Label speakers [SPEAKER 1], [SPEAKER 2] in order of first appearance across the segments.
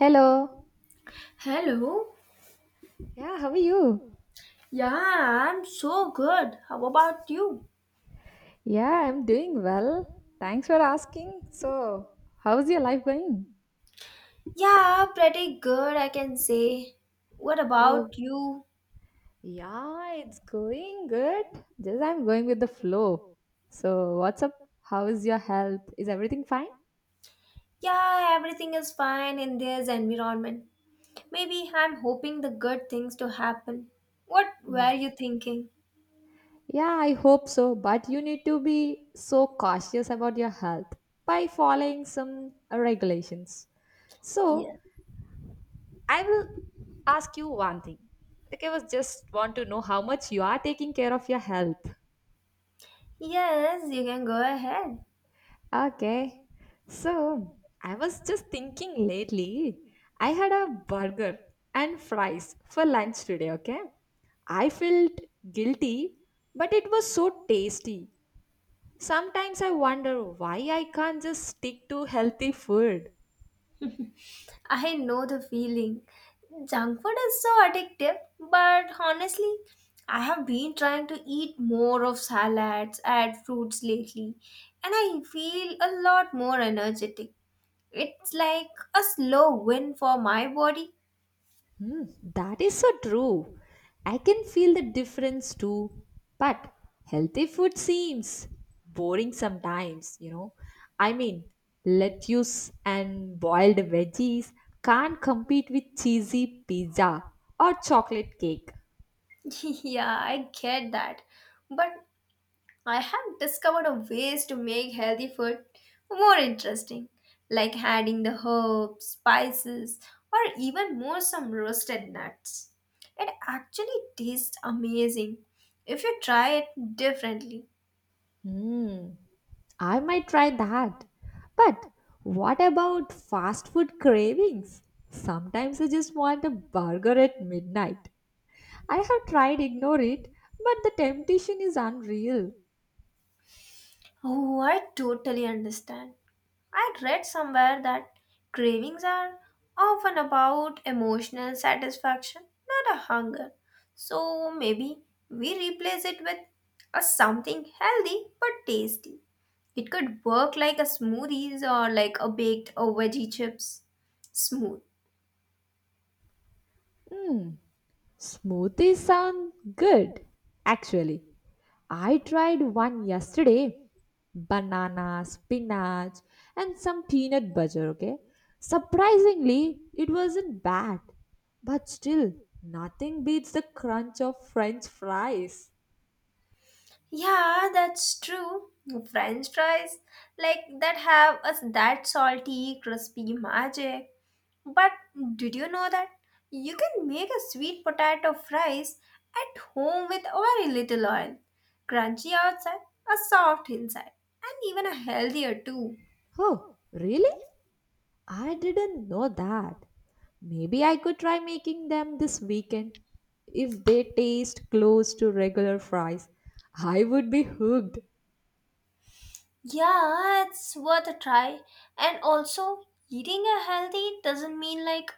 [SPEAKER 1] Hello.
[SPEAKER 2] Hello.
[SPEAKER 1] Yeah, how are you?
[SPEAKER 2] Yeah, I'm so good. How about you?
[SPEAKER 1] Yeah, I'm doing well. Thanks for asking. So, how's your life going?
[SPEAKER 2] Yeah, pretty good, I can say. What
[SPEAKER 1] Oh,
[SPEAKER 2] about you?
[SPEAKER 1] yeah, it's going good. Just I'm going with the flow. So, what's up? How is your health? Is everything fine?
[SPEAKER 2] Yeah, everything is fine in this environment. Maybe I'm hoping the good things to happen. What were you thinking?
[SPEAKER 1] Yeah, I hope so. But you need to be so cautious about your health by following some regulations. So,
[SPEAKER 2] Yeah.
[SPEAKER 1] I will ask you one thing. Like I was just want to know how much you are taking care of your health.
[SPEAKER 2] Yes, you can go ahead.
[SPEAKER 1] Okay. So I was just thinking lately. I had a burger and fries for lunch today, okay? I felt guilty, but it was so tasty. Sometimes I wonder why I can't just stick to healthy food.
[SPEAKER 2] I know the feeling. Junk food is so addictive, but honestly, I have been trying to eat more of salads and fruits lately, and I feel a lot more energetic. It's like a slow win for my body.
[SPEAKER 1] That is so true. I can feel the difference too. But healthy food seems boring sometimes. I mean, lettuce and boiled veggies can't compete with cheesy pizza or chocolate cake.
[SPEAKER 2] Yeah, I get that. But I have discovered a ways to make healthy food more interesting, like adding the herbs, spices, or even more some roasted nuts. It actually tastes amazing if you try it differently.
[SPEAKER 1] Mm, I might try that. But what about fast food cravings? Sometimes I just want a burger at midnight. I have tried ignore it, but the temptation is unreal.
[SPEAKER 2] Oh, I totally understand. I read somewhere that cravings are often about emotional satisfaction, not a hunger. So maybe we replace it with a something healthy but tasty. It could work like a smoothies or like a baked or veggie chips. Smooth.
[SPEAKER 1] Mm, Smoothies sound good. Actually, I tried one yesterday. Banana, spinach, and some peanut butter, okay? Surprisingly, it wasn't bad. But still, nothing beats the crunch of french fries.
[SPEAKER 2] Yeah, that's true. French fries like that have us that salty, crispy magic. But did you know that you can make a sweet potato fries at home with very little oil, crunchy outside, a soft inside, and even a healthier too.
[SPEAKER 1] Oh, really? I didn't know that. Maybe I could try making them this weekend. If they taste close to regular fries, I would be hooked.
[SPEAKER 2] Yeah, it's worth a try. And also, eating a healthy doesn't mean like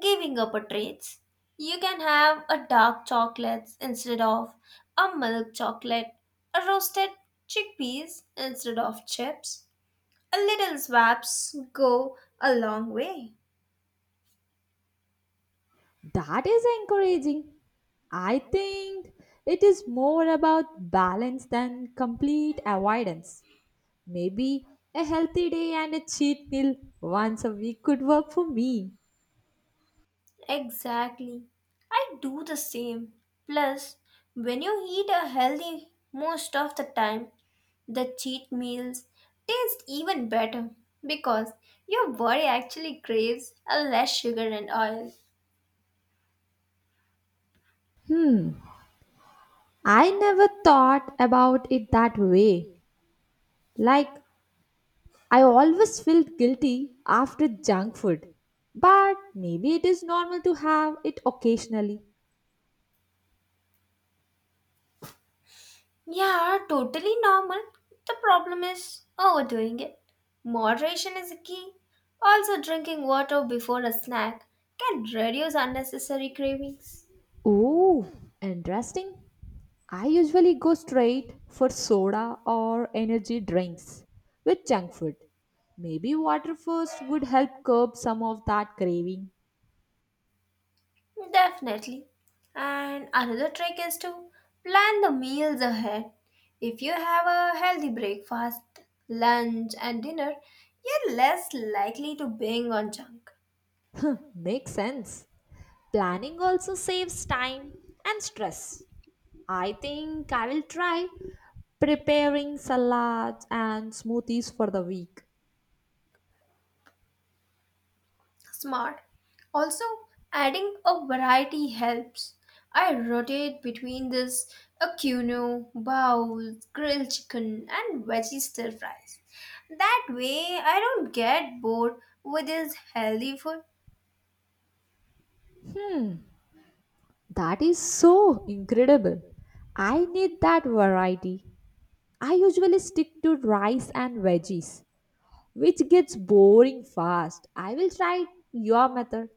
[SPEAKER 2] giving up a treats. You can have a dark chocolate instead of a milk chocolate, a roasted chickpeas instead of chips. A little swaps go a long way.
[SPEAKER 1] That is encouraging. I think it is more about balance than complete avoidance. Maybe a healthy day and a cheat meal once a week could work for me.
[SPEAKER 2] Exactly. I do the same. Plus, when you eat a healthy most of the time, the cheat meals taste even better because your body actually craves a less sugar and oil.
[SPEAKER 1] Hmm, I never thought about it that way. Like I always felt guilty after junk food, but maybe it is normal to have it occasionally.
[SPEAKER 2] Yeah, totally normal. The problem is overdoing it. Moderation is a key. Also, drinking water before a snack can reduce unnecessary cravings.
[SPEAKER 1] Oh, interesting. I usually go straight for soda or energy drinks with junk food. Maybe water first would help curb some of that craving.
[SPEAKER 2] Definitely. And another trick is to plan the meals ahead. If you have a healthy breakfast, lunch, and dinner, you're less likely to binge on junk.
[SPEAKER 1] Makes sense. Planning also saves time and stress. I think I will try preparing salads and smoothies for the week.
[SPEAKER 2] Smart. Also, adding a variety helps. I rotate between this a quinoa, bowls, grilled chicken, and veggie stir fries. That way, I don't get bored with this healthy food.
[SPEAKER 1] That is so incredible. I need that variety. I usually stick to rice and veggies, which gets boring fast. I will try your method.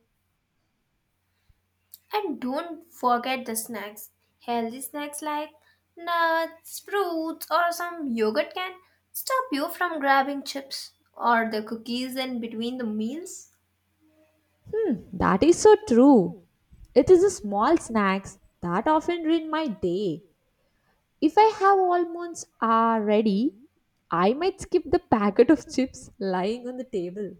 [SPEAKER 2] And don't forget the snacks. Healthy snacks like nuts, fruits, or some yogurt can stop you from grabbing chips or the cookies in between the meals.
[SPEAKER 1] That is so true. It is the small snacks that often ruin my day. If I have almonds already, I might skip the packet of chips lying on the table.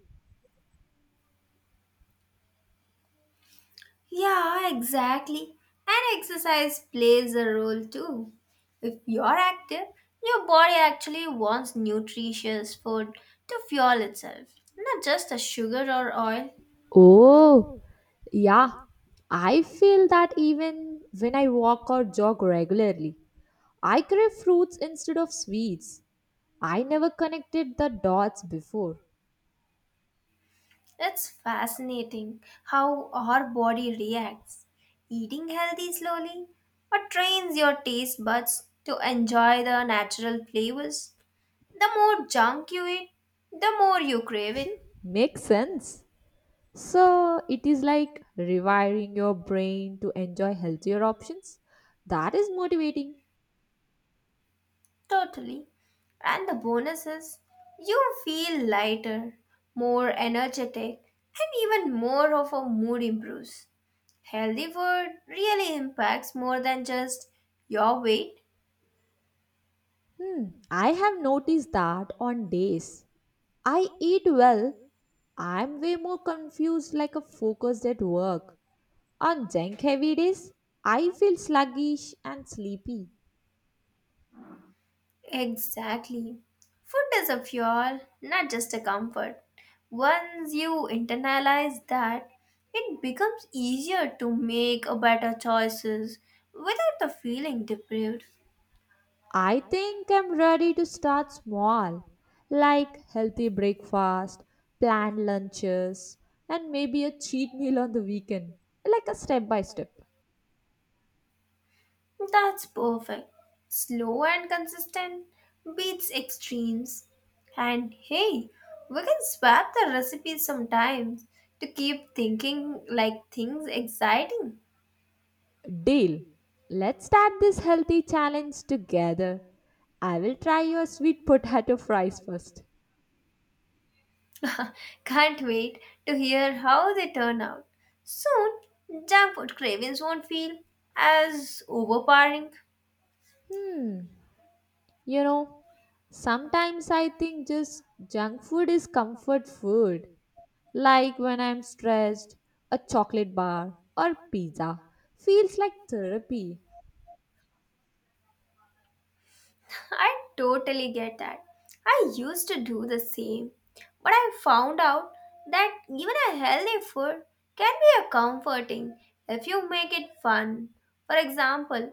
[SPEAKER 2] Yeah, exactly. And exercise plays a role too. If you're active, your body actually wants nutritious food to fuel itself, not just the sugar or oil.
[SPEAKER 1] Oh, yeah. I feel that even when I walk or jog regularly. I crave fruits instead of sweets. I never connected the dots before.
[SPEAKER 2] It's fascinating how our body reacts. Eating healthy slowly or trains your taste buds to enjoy the natural flavors. The more junk you eat, the more you crave it.
[SPEAKER 1] Makes sense. So it is like rewiring your brain to enjoy healthier options. That is motivating.
[SPEAKER 2] Totally. And the bonus is you feel lighter, more energetic, and even more of a mood improves. Healthy food really impacts more than just your weight.
[SPEAKER 1] Hmm. I have noticed that on days I eat well, I'm way more confused like a focused at work. On junk heavy days, I feel sluggish and sleepy.
[SPEAKER 2] Exactly. Food is a fuel, not just a comfort. Once you internalize that, it becomes easier to make a better choices without the feeling deprived.
[SPEAKER 1] I think I'm ready to start small, like healthy breakfast, planned lunches, and maybe a cheat meal on the weekend, like a step by step.
[SPEAKER 2] That's perfect. Slow and consistent beats extremes. And hey, we can swap the recipes sometimes to keep thinking like things exciting.
[SPEAKER 1] Deal. Let's start this healthy challenge together. I will try your sweet potato fries first.
[SPEAKER 2] Can't wait to hear how they turn out. Soon, junk food cravings won't feel as overpowering.
[SPEAKER 1] Hmm, you know, Sometimes I think just junk food is comfort food. Like when I'm stressed, a chocolate bar or pizza feels like therapy.
[SPEAKER 2] I totally get that. I used to do the same, but I found out that even a healthy food can be a comforting if you make it fun. For example,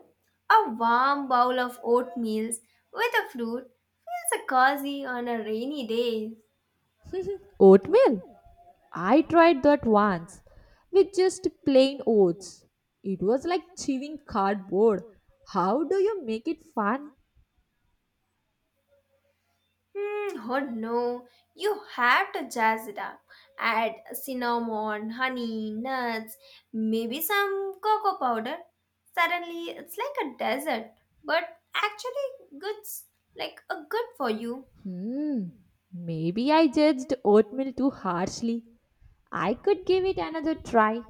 [SPEAKER 2] a warm bowl of oatmeal with a fruit feels a cozy on a rainy day.
[SPEAKER 1] Oatmeal? I tried that once with just plain oats. It was like chewing cardboard. How do you make it fun?
[SPEAKER 2] Hmm, oh no, you have to jazz it up. Add cinnamon, honey, nuts, maybe some cocoa powder. Suddenly, it's like a desert, but actually, good's like a good for you.
[SPEAKER 1] Hmm, Maybe I judged oatmeal too harshly. I could give it another try.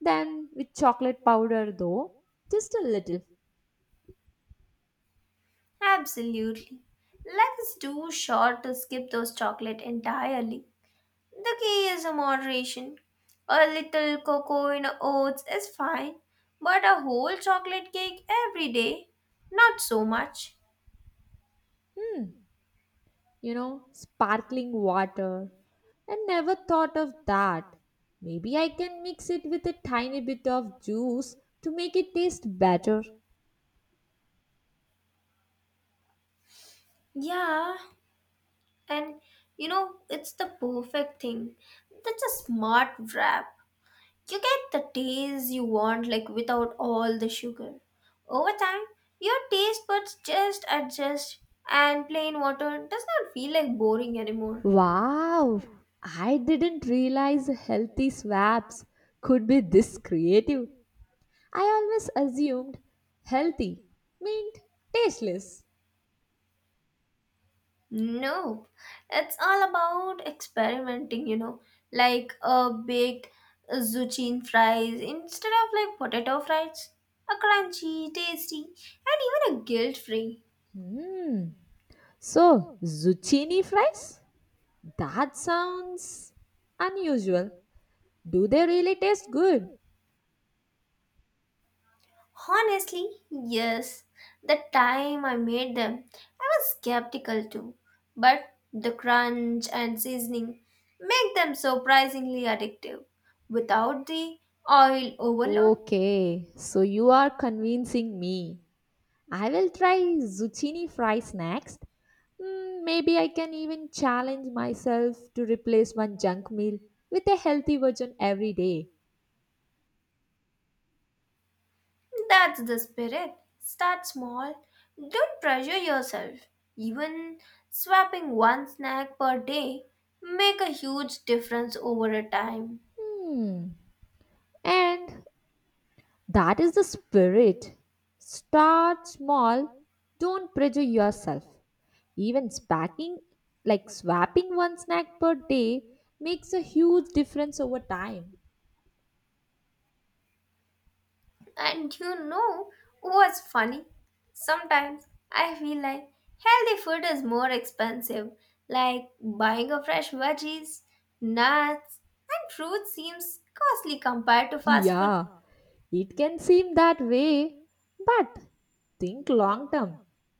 [SPEAKER 1] Then with chocolate powder though, just a little.
[SPEAKER 2] Absolutely. Life is too short to skip those chocolate entirely. The key is a moderation. A little cocoa in oats is fine, but a whole chocolate cake every day, not so much.
[SPEAKER 1] Sparkling water. I never thought of that. Maybe I can mix it with a tiny bit of juice to make it taste better.
[SPEAKER 2] Yeah, and it's the perfect thing. That's a smart wrap. You get the taste you want, like without all the sugar. Over time, your taste buds just adjust, and plain water does not feel like boring anymore.
[SPEAKER 1] Wow! I didn't realize healthy swaps could be this creative. I always assumed healthy meant tasteless.
[SPEAKER 2] Nope, it's all about experimenting, like a baked zucchini fries instead of like potato fries, a crunchy, tasty, and even a guilt free.
[SPEAKER 1] Hmm. So, zucchini fries? That sounds unusual. Do they really taste good?
[SPEAKER 2] Honestly, yes. The time I made them, I was skeptical too. But the crunch and seasoning make them surprisingly addictive. Without the oil overload,
[SPEAKER 1] Okay, so you are convincing me. I will try zucchini fries next. Maybe I can even challenge myself to replace one junk meal with a healthy version every day.
[SPEAKER 2] that's the spirit. Start small, don't pressure yourself. Even swapping one snack per day make a huge difference over a time.
[SPEAKER 1] Hmm. And that is the spirit. Start small, don't pressure yourself. Even spacking, like swapping one snack per day, makes a huge difference over time.
[SPEAKER 2] And you know what's funny? Sometimes I feel like healthy food is more expensive, like buying a fresh veggies, nuts, and fruit seems costly compared to fast food.
[SPEAKER 1] Yeah, it can seem that way, but think long term.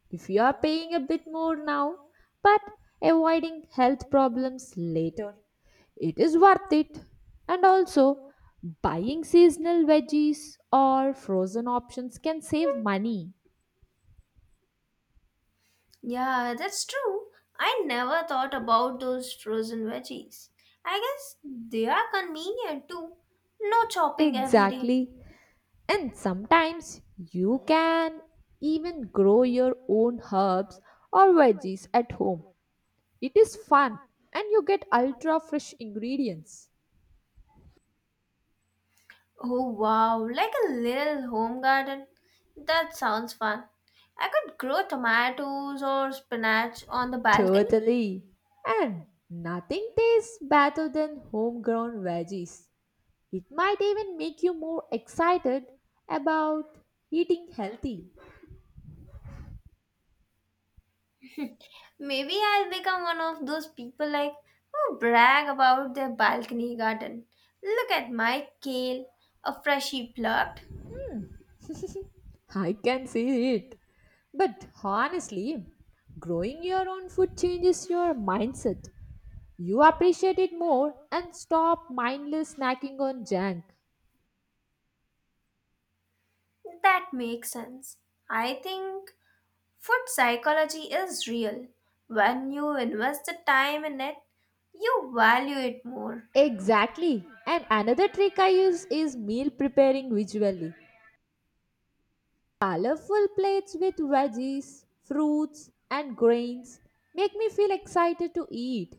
[SPEAKER 1] If you are paying a bit more now, but avoiding health problems later, it is worth it. And also, buying seasonal veggies or frozen options can save money.
[SPEAKER 2] Yeah, that's true. I never thought about those frozen veggies. I guess they are convenient too. No chopping every day.
[SPEAKER 1] Exactly. And sometimes you can even grow your own herbs or veggies at home. It is fun and you get ultra fresh ingredients.
[SPEAKER 2] Oh wow, like a little home garden. That sounds fun. I could grow tomatoes or spinach on the balcony.
[SPEAKER 1] Totally. And nothing tastes better than homegrown veggies. It might even make you more excited about eating healthy.
[SPEAKER 2] Maybe I'll become one of those people like who brag about their balcony garden. Look at my kale, a freshly plucked.
[SPEAKER 1] I can see it. But honestly, growing your own food changes your mindset. You appreciate it more and stop mindless snacking on junk.
[SPEAKER 2] That makes sense. I think food psychology is real. When you invest the time in it, you value it more.
[SPEAKER 1] Exactly. And another trick I use is meal preparing visually. Colorful plates with veggies, fruits, and grains make me feel excited to eat.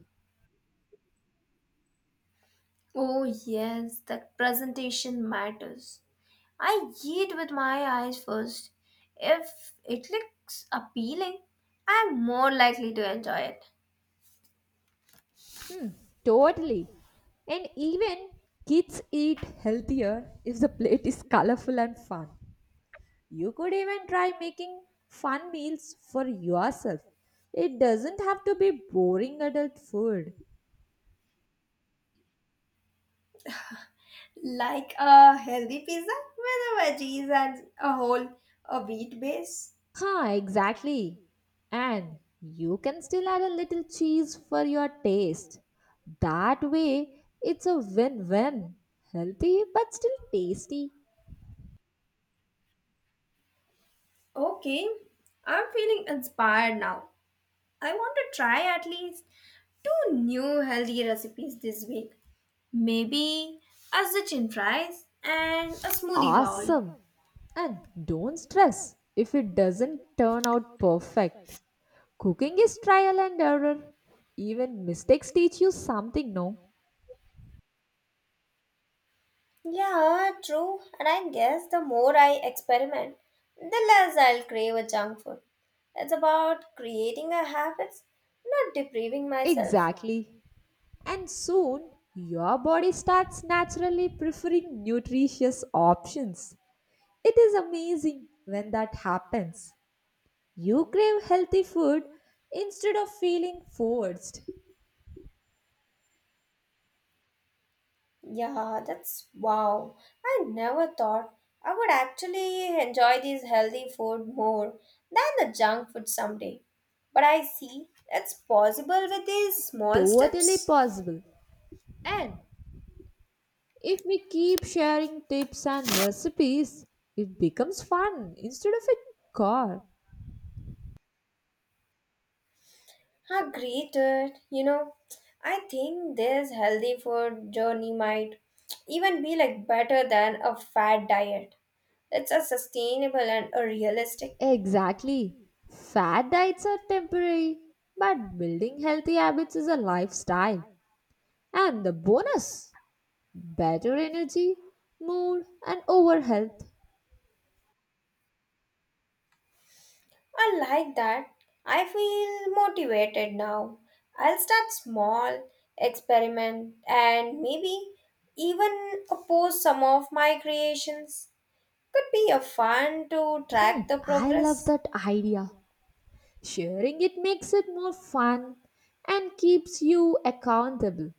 [SPEAKER 2] Oh, yes, that presentation matters. I eat with my eyes first. If it looks appealing, I'm more likely to enjoy it.
[SPEAKER 1] Hmm, Totally. And even kids eat healthier if the plate is colorful and fun. You could even try making fun meals for yourself. It doesn't have to be boring adult food.
[SPEAKER 2] Like a healthy pizza with a veggies and a whole a wheat base.
[SPEAKER 1] Huh, exactly. And you can still add a little cheese for your taste. That way, it's a win win. Healthy but still tasty.
[SPEAKER 2] Okay, I'm feeling inspired now. I want to try at least two new healthy recipes this week. Maybe a ziti fries and a smoothie bowl.
[SPEAKER 1] Awesome. And don't stress if it doesn't turn out perfect. Cooking is trial and error. Even mistakes teach you something, no?
[SPEAKER 2] Yeah, true. And I guess the more I experiment, the less I'll crave a junk food. It's about creating a habits, not depriving myself.
[SPEAKER 1] Exactly. And soon, your body starts naturally preferring nutritious options. It is amazing when that happens. You crave healthy food instead of feeling forced.
[SPEAKER 2] Yeah, that's wow. I never thought I would actually enjoy these healthy food more than the junk food someday. But I see it's possible with these small
[SPEAKER 1] Totally
[SPEAKER 2] steps.
[SPEAKER 1] possible. And if we keep sharing tips and recipes, it becomes fun instead of a chore.
[SPEAKER 2] Agreed. You know, I think this healthy food journey might even be like better than a fat diet. It's a sustainable and a realistic.
[SPEAKER 1] Exactly. Fat diets are temporary, but building healthy habits is a lifestyle. And the bonus better energy, mood, and overall health.
[SPEAKER 2] I like that. I feel motivated now. I'll start small, experiment, and maybe even post some of my creations. Could be a fun to track the
[SPEAKER 1] I love
[SPEAKER 2] progress.
[SPEAKER 1] that idea. Sharing it makes it more fun and keeps you accountable.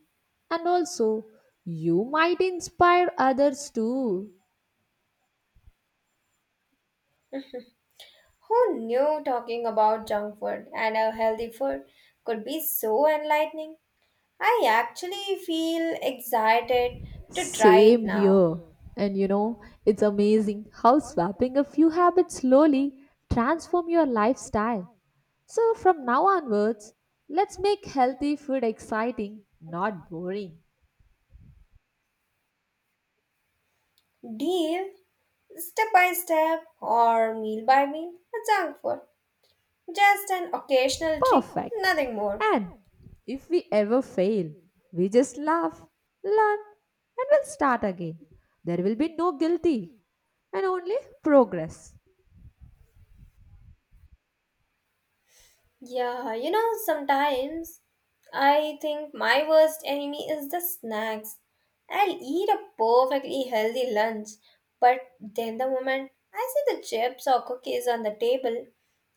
[SPEAKER 1] And also, you might inspire others too.
[SPEAKER 2] Who knew talking about junk food and a healthy food could be so enlightening? I actually feel excited to try it
[SPEAKER 1] Same
[SPEAKER 2] now.
[SPEAKER 1] here. And it's amazing how swapping a few habits slowly transform your lifestyle. So from now onwards, let's make healthy food exciting, not boring.
[SPEAKER 2] Deal step by step or meal by meal, junk food. Just an occasional treat,
[SPEAKER 1] Perfect.
[SPEAKER 2] nothing more.
[SPEAKER 1] And if we ever fail, we just laugh, learn, and we'll start again. There will be no guilty and only progress.
[SPEAKER 2] Yeah, sometimes I think my worst enemy is the snacks. I'll eat a perfectly healthy lunch, but then the moment I see the chips or cookies on the table,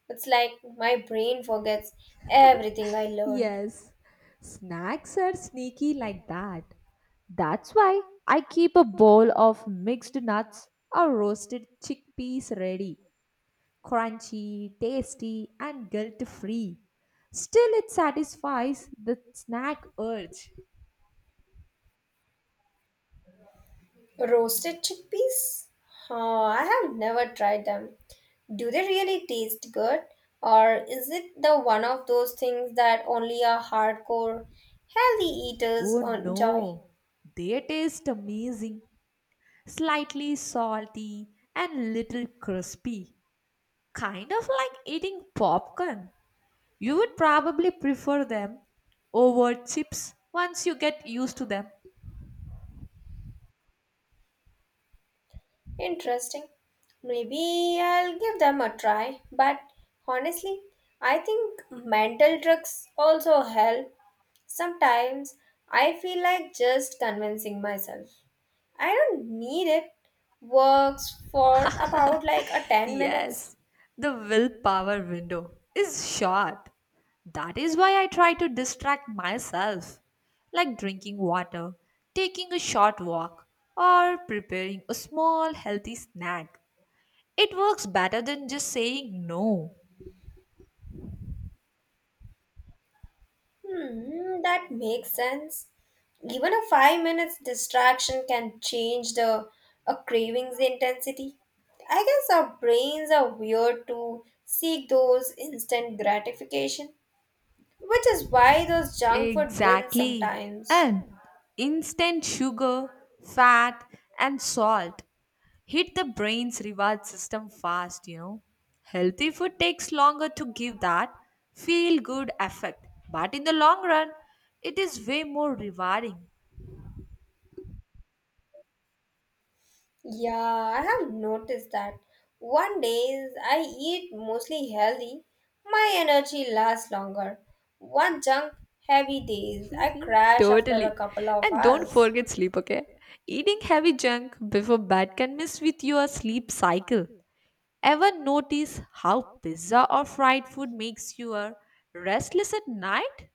[SPEAKER 2] it's like my brain forgets everything I learned.
[SPEAKER 1] Yes, snacks are sneaky like that. That's why I keep a bowl of mixed nuts or roasted chickpeas ready. Crunchy, tasty, and guilt free. Still, it satisfies the snack urge.
[SPEAKER 2] Roasted chickpeas? Oh, I have never tried them. Do they really taste good? Or is it the one of those things that only a hardcore healthy eaters
[SPEAKER 1] Oh
[SPEAKER 2] enjoy?
[SPEAKER 1] no, they taste amazing. Slightly salty and little crispy. Kind of like eating popcorn. You would probably prefer them over chips once you get used to them.
[SPEAKER 2] Interesting. Maybe I'll give them a try. But honestly, I think mental tricks also help. Sometimes I feel like just convincing myself. I don't need it. Works for about like a 10 minutes.
[SPEAKER 1] Yes, the willpower window is short. That is why I try to distract myself, like drinking water, taking a short walk, or preparing a small healthy snack. It works better than just saying no.
[SPEAKER 2] Hmm, that makes sense. Even a 5 minutes distraction can change the a craving's intensity. I guess our brains are weird to seek those instant gratification, which is why those junk food wins
[SPEAKER 1] Exactly.
[SPEAKER 2] sometimes.
[SPEAKER 1] And instant sugar, fat, and salt hit the brain's reward system fast. Healthy food takes longer to give that feel good effect, but in the long run, it is way more rewarding.
[SPEAKER 2] Yeah, I have noticed that. One days I eat mostly healthy, my energy lasts longer. One junk heavy days I crash after
[SPEAKER 1] Totally.
[SPEAKER 2] a couple of
[SPEAKER 1] And don't
[SPEAKER 2] hours.
[SPEAKER 1] forget sleep, okay? Eating heavy junk before bed can mess with your sleep cycle. Ever notice how pizza or fried food makes you restless at night?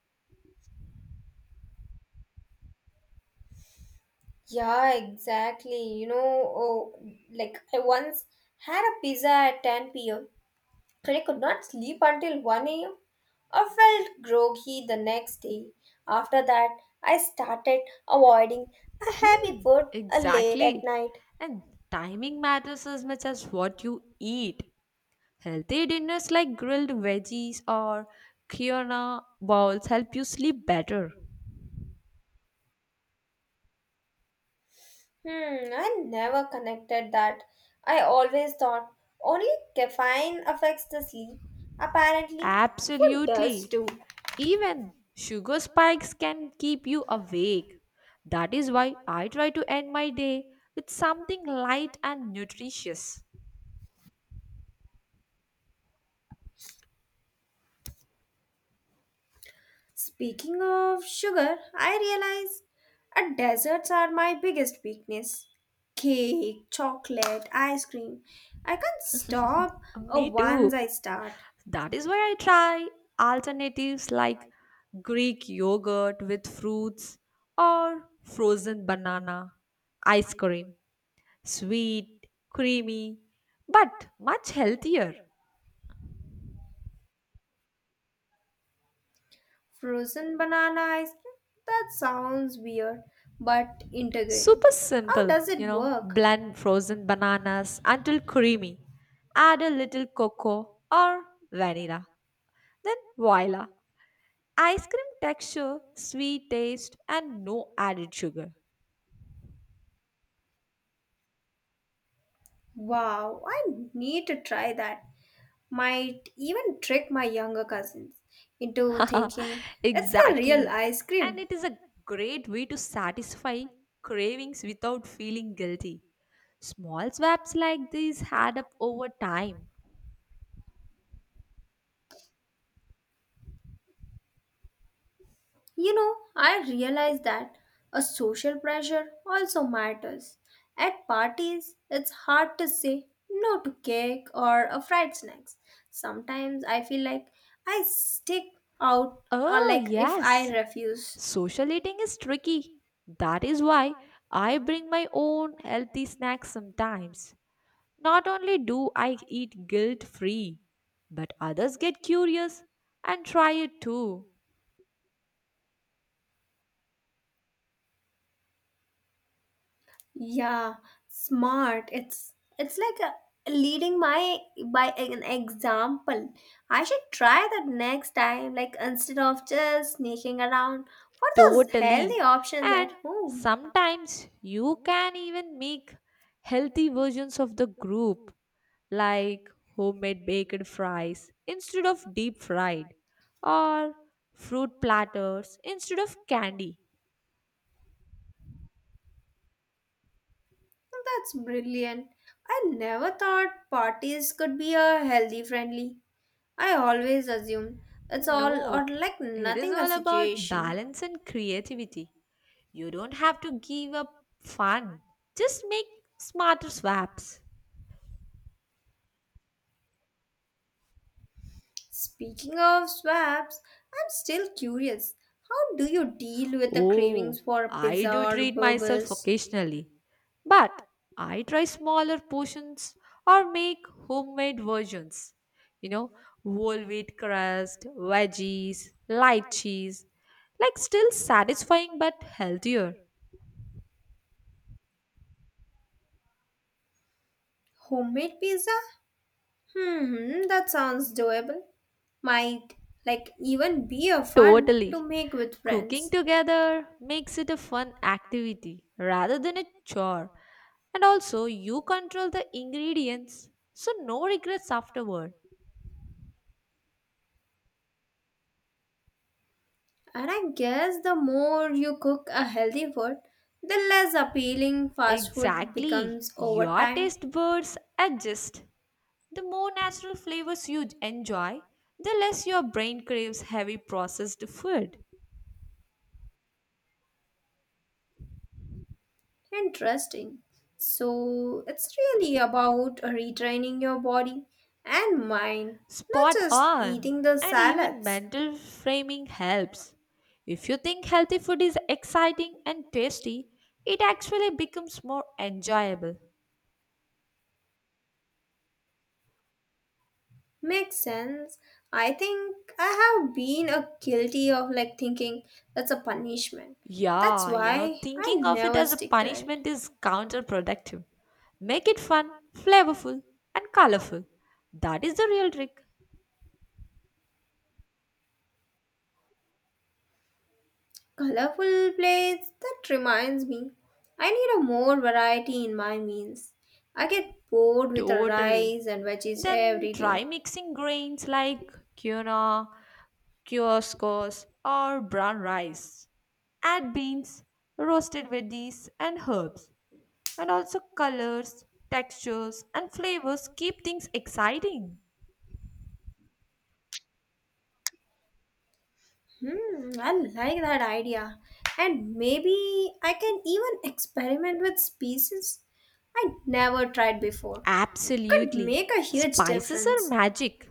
[SPEAKER 2] Yeah, exactly. Oh, like I once had a pizza at 10 p.m. and I could not sleep until 1 a.m. I felt groggy the next day. After that, I started avoiding a heavy food late at
[SPEAKER 1] Exactly.
[SPEAKER 2] night.
[SPEAKER 1] And timing matters as much as what you eat. Healthy dinners like grilled veggies or quinoa bowls help you sleep better.
[SPEAKER 2] Hmm, I never connected that. I always thought only caffeine affects the sleep. Apparently, food does
[SPEAKER 1] Absolutely.
[SPEAKER 2] too.
[SPEAKER 1] Even sugar spikes can keep you awake. That is why I try to end my day with something light and nutritious.
[SPEAKER 2] Speaking of sugar, I realize desserts are my biggest weakness. Cake, chocolate, ice cream. I can't stop
[SPEAKER 1] Me
[SPEAKER 2] once I
[SPEAKER 1] too.
[SPEAKER 2] start.
[SPEAKER 1] That is why I try alternatives like Greek yogurt with fruits or frozen banana ice cream. Sweet, creamy, but much healthier.
[SPEAKER 2] Frozen banana ice cream? That sounds weird, but intriguing.
[SPEAKER 1] Super
[SPEAKER 2] How
[SPEAKER 1] simple,
[SPEAKER 2] does
[SPEAKER 1] you
[SPEAKER 2] it
[SPEAKER 1] know.
[SPEAKER 2] work?
[SPEAKER 1] Blend frozen bananas until creamy. Add a little cocoa or vanilla. Then voila. Ice cream texture, sweet taste, and no added sugar.
[SPEAKER 2] Wow, I need to try that. Might even trick my younger cousins into thinking it's the real
[SPEAKER 1] Exactly.
[SPEAKER 2] ice
[SPEAKER 1] And
[SPEAKER 2] cream.
[SPEAKER 1] it is a great way to satisfy cravings without feeling guilty. Small swaps like these add up over time.
[SPEAKER 2] I realize that a social pressure also matters. At parties, it's hard to say no to cake or a fried snacks. Sometimes I feel like I stick out or
[SPEAKER 1] Oh,
[SPEAKER 2] like if I
[SPEAKER 1] yes.
[SPEAKER 2] refuse.
[SPEAKER 1] Social eating is tricky. That is why I bring my own healthy snacks sometimes. Not only do I eat guilt free, but others get curious and try it too.
[SPEAKER 2] Yeah, smart. It's like a leading my by an example. I should try that next time like instead of just sneaking around for those healthy
[SPEAKER 1] Totally.
[SPEAKER 2] options
[SPEAKER 1] And
[SPEAKER 2] at home.
[SPEAKER 1] sometimes you can even make healthy versions of the group, like homemade baked fries instead of deep fried, or fruit platters instead of candy.
[SPEAKER 2] That's brilliant. I never thought parties could be a healthy friendly. I always assumed it's all or
[SPEAKER 1] Nope.
[SPEAKER 2] like
[SPEAKER 1] It is
[SPEAKER 2] nothing a
[SPEAKER 1] all about
[SPEAKER 2] situation.
[SPEAKER 1] balance and creativity. You don't have to give up fun, just make smarter swaps.
[SPEAKER 2] Speaking of swaps, I'm still curious. How do you deal with the
[SPEAKER 1] Oh,
[SPEAKER 2] cravings for
[SPEAKER 1] I
[SPEAKER 2] pizza
[SPEAKER 1] do
[SPEAKER 2] or
[SPEAKER 1] treat myself
[SPEAKER 2] burgers?
[SPEAKER 1] occasionally, but I try smaller portions or make homemade versions. You know, Whole wheat crust, veggies, light cheese. Like, still satisfying but healthier.
[SPEAKER 2] Homemade pizza? Hmm, that sounds doable. Might like even be a fun
[SPEAKER 1] Totally.
[SPEAKER 2] to make with
[SPEAKER 1] Cooking
[SPEAKER 2] friends.
[SPEAKER 1] together makes it a fun activity rather than a chore. And also, you control the ingredients, so no regrets afterward.
[SPEAKER 2] And I guess the more you cook a healthy food, the less appealing fast food
[SPEAKER 1] Exactly.
[SPEAKER 2] becomes over
[SPEAKER 1] Your
[SPEAKER 2] time.
[SPEAKER 1] taste buds adjust. The more natural flavors you enjoy, the less your brain craves heavy processed food.
[SPEAKER 2] Interesting. So it's really about retraining your body and mind, not
[SPEAKER 1] Spot
[SPEAKER 2] just
[SPEAKER 1] on.
[SPEAKER 2] eating the
[SPEAKER 1] And even
[SPEAKER 2] salads.
[SPEAKER 1] mental framing helps. If you think healthy food is exciting and tasty, it actually becomes more enjoyable.
[SPEAKER 2] Makes sense. I think I have been a guilty of like thinking that's a punishment. That's
[SPEAKER 1] Yeah,
[SPEAKER 2] why I
[SPEAKER 1] thinking of it
[SPEAKER 2] never
[SPEAKER 1] as a
[SPEAKER 2] stick to it.
[SPEAKER 1] punishment is counterproductive. Make it fun, flavorful, and colorful. That is the real trick.
[SPEAKER 2] Colorful plates? That reminds me. I need a more variety in my meals. I get bored with the
[SPEAKER 1] Totally.
[SPEAKER 2] rice and veggies
[SPEAKER 1] Then
[SPEAKER 2] every
[SPEAKER 1] try
[SPEAKER 2] day.
[SPEAKER 1] mixing grains like quinoa, kioscos, or brown rice. Add beans, roasted veggies, and herbs. And also colors, textures, and flavors keep things exciting.
[SPEAKER 2] Hmm, I like that idea. And maybe I can even experiment with species I never tried before. Could
[SPEAKER 1] Absolutely.
[SPEAKER 2] make a huge
[SPEAKER 1] Spices are
[SPEAKER 2] difference.
[SPEAKER 1] magic.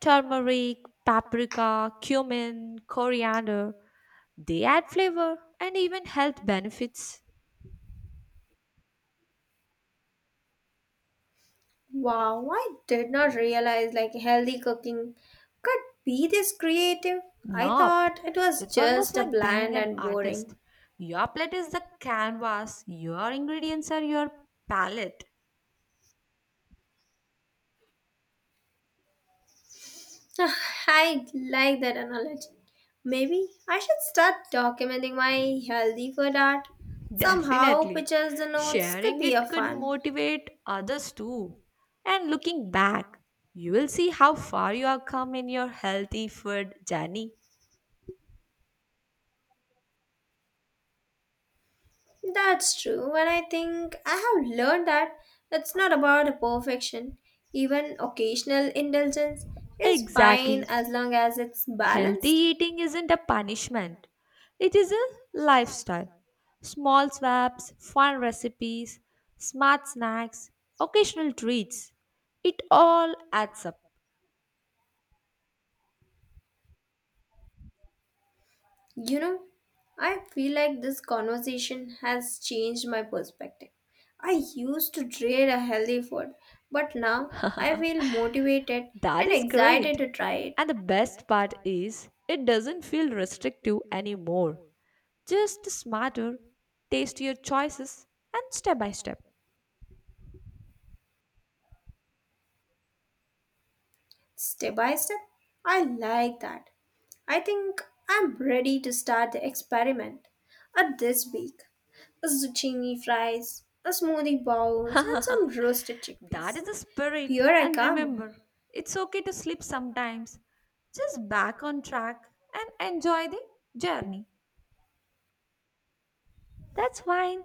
[SPEAKER 1] Turmeric, paprika, cumin, coriander. They add flavor and even health benefits.
[SPEAKER 2] Wow, I did not realize like healthy cooking could be this creative. I
[SPEAKER 1] Nope.
[SPEAKER 2] thought it was
[SPEAKER 1] It's almost
[SPEAKER 2] just a
[SPEAKER 1] like being
[SPEAKER 2] bland
[SPEAKER 1] an
[SPEAKER 2] and
[SPEAKER 1] artist.
[SPEAKER 2] boring.
[SPEAKER 1] Your plate is the canvas, your ingredients are your palette.
[SPEAKER 2] Ah, I like that analogy. Maybe I should start documenting my healthy food art. Somehow,
[SPEAKER 1] Definitely.
[SPEAKER 2] pictures and notes could
[SPEAKER 1] Sharing
[SPEAKER 2] be a
[SPEAKER 1] it could
[SPEAKER 2] fun.
[SPEAKER 1] motivate others too. And looking back, you will see how far you have come in your healthy food journey.
[SPEAKER 2] That's true, and I think I have learned that it's not about a perfection. Even occasional indulgence is fine
[SPEAKER 1] Exactly.
[SPEAKER 2] as long as it's
[SPEAKER 1] Healthy
[SPEAKER 2] balanced.
[SPEAKER 1] eating isn't a punishment, it is a lifestyle. Small swaps, fun recipes, smart snacks, occasional treats. It all adds up.
[SPEAKER 2] You know, I feel like this conversation has changed my perspective. I used to dread a healthy food, but now I feel motivated
[SPEAKER 1] That
[SPEAKER 2] and
[SPEAKER 1] is
[SPEAKER 2] excited
[SPEAKER 1] great.
[SPEAKER 2] to try it.
[SPEAKER 1] And the best part is, it doesn't feel restrictive anymore. Just smarter, tastier choices, and step by step.
[SPEAKER 2] Step by step, I like that. I think I'm ready to start the experiment. At this week, a zucchini fries, a smoothie bowls, and some roasted
[SPEAKER 1] That
[SPEAKER 2] chickpeas.
[SPEAKER 1] is the spirit.
[SPEAKER 2] Here I
[SPEAKER 1] And
[SPEAKER 2] come.
[SPEAKER 1] remember, it's okay to slip sometimes. Just back on track and enjoy the journey. That's fine.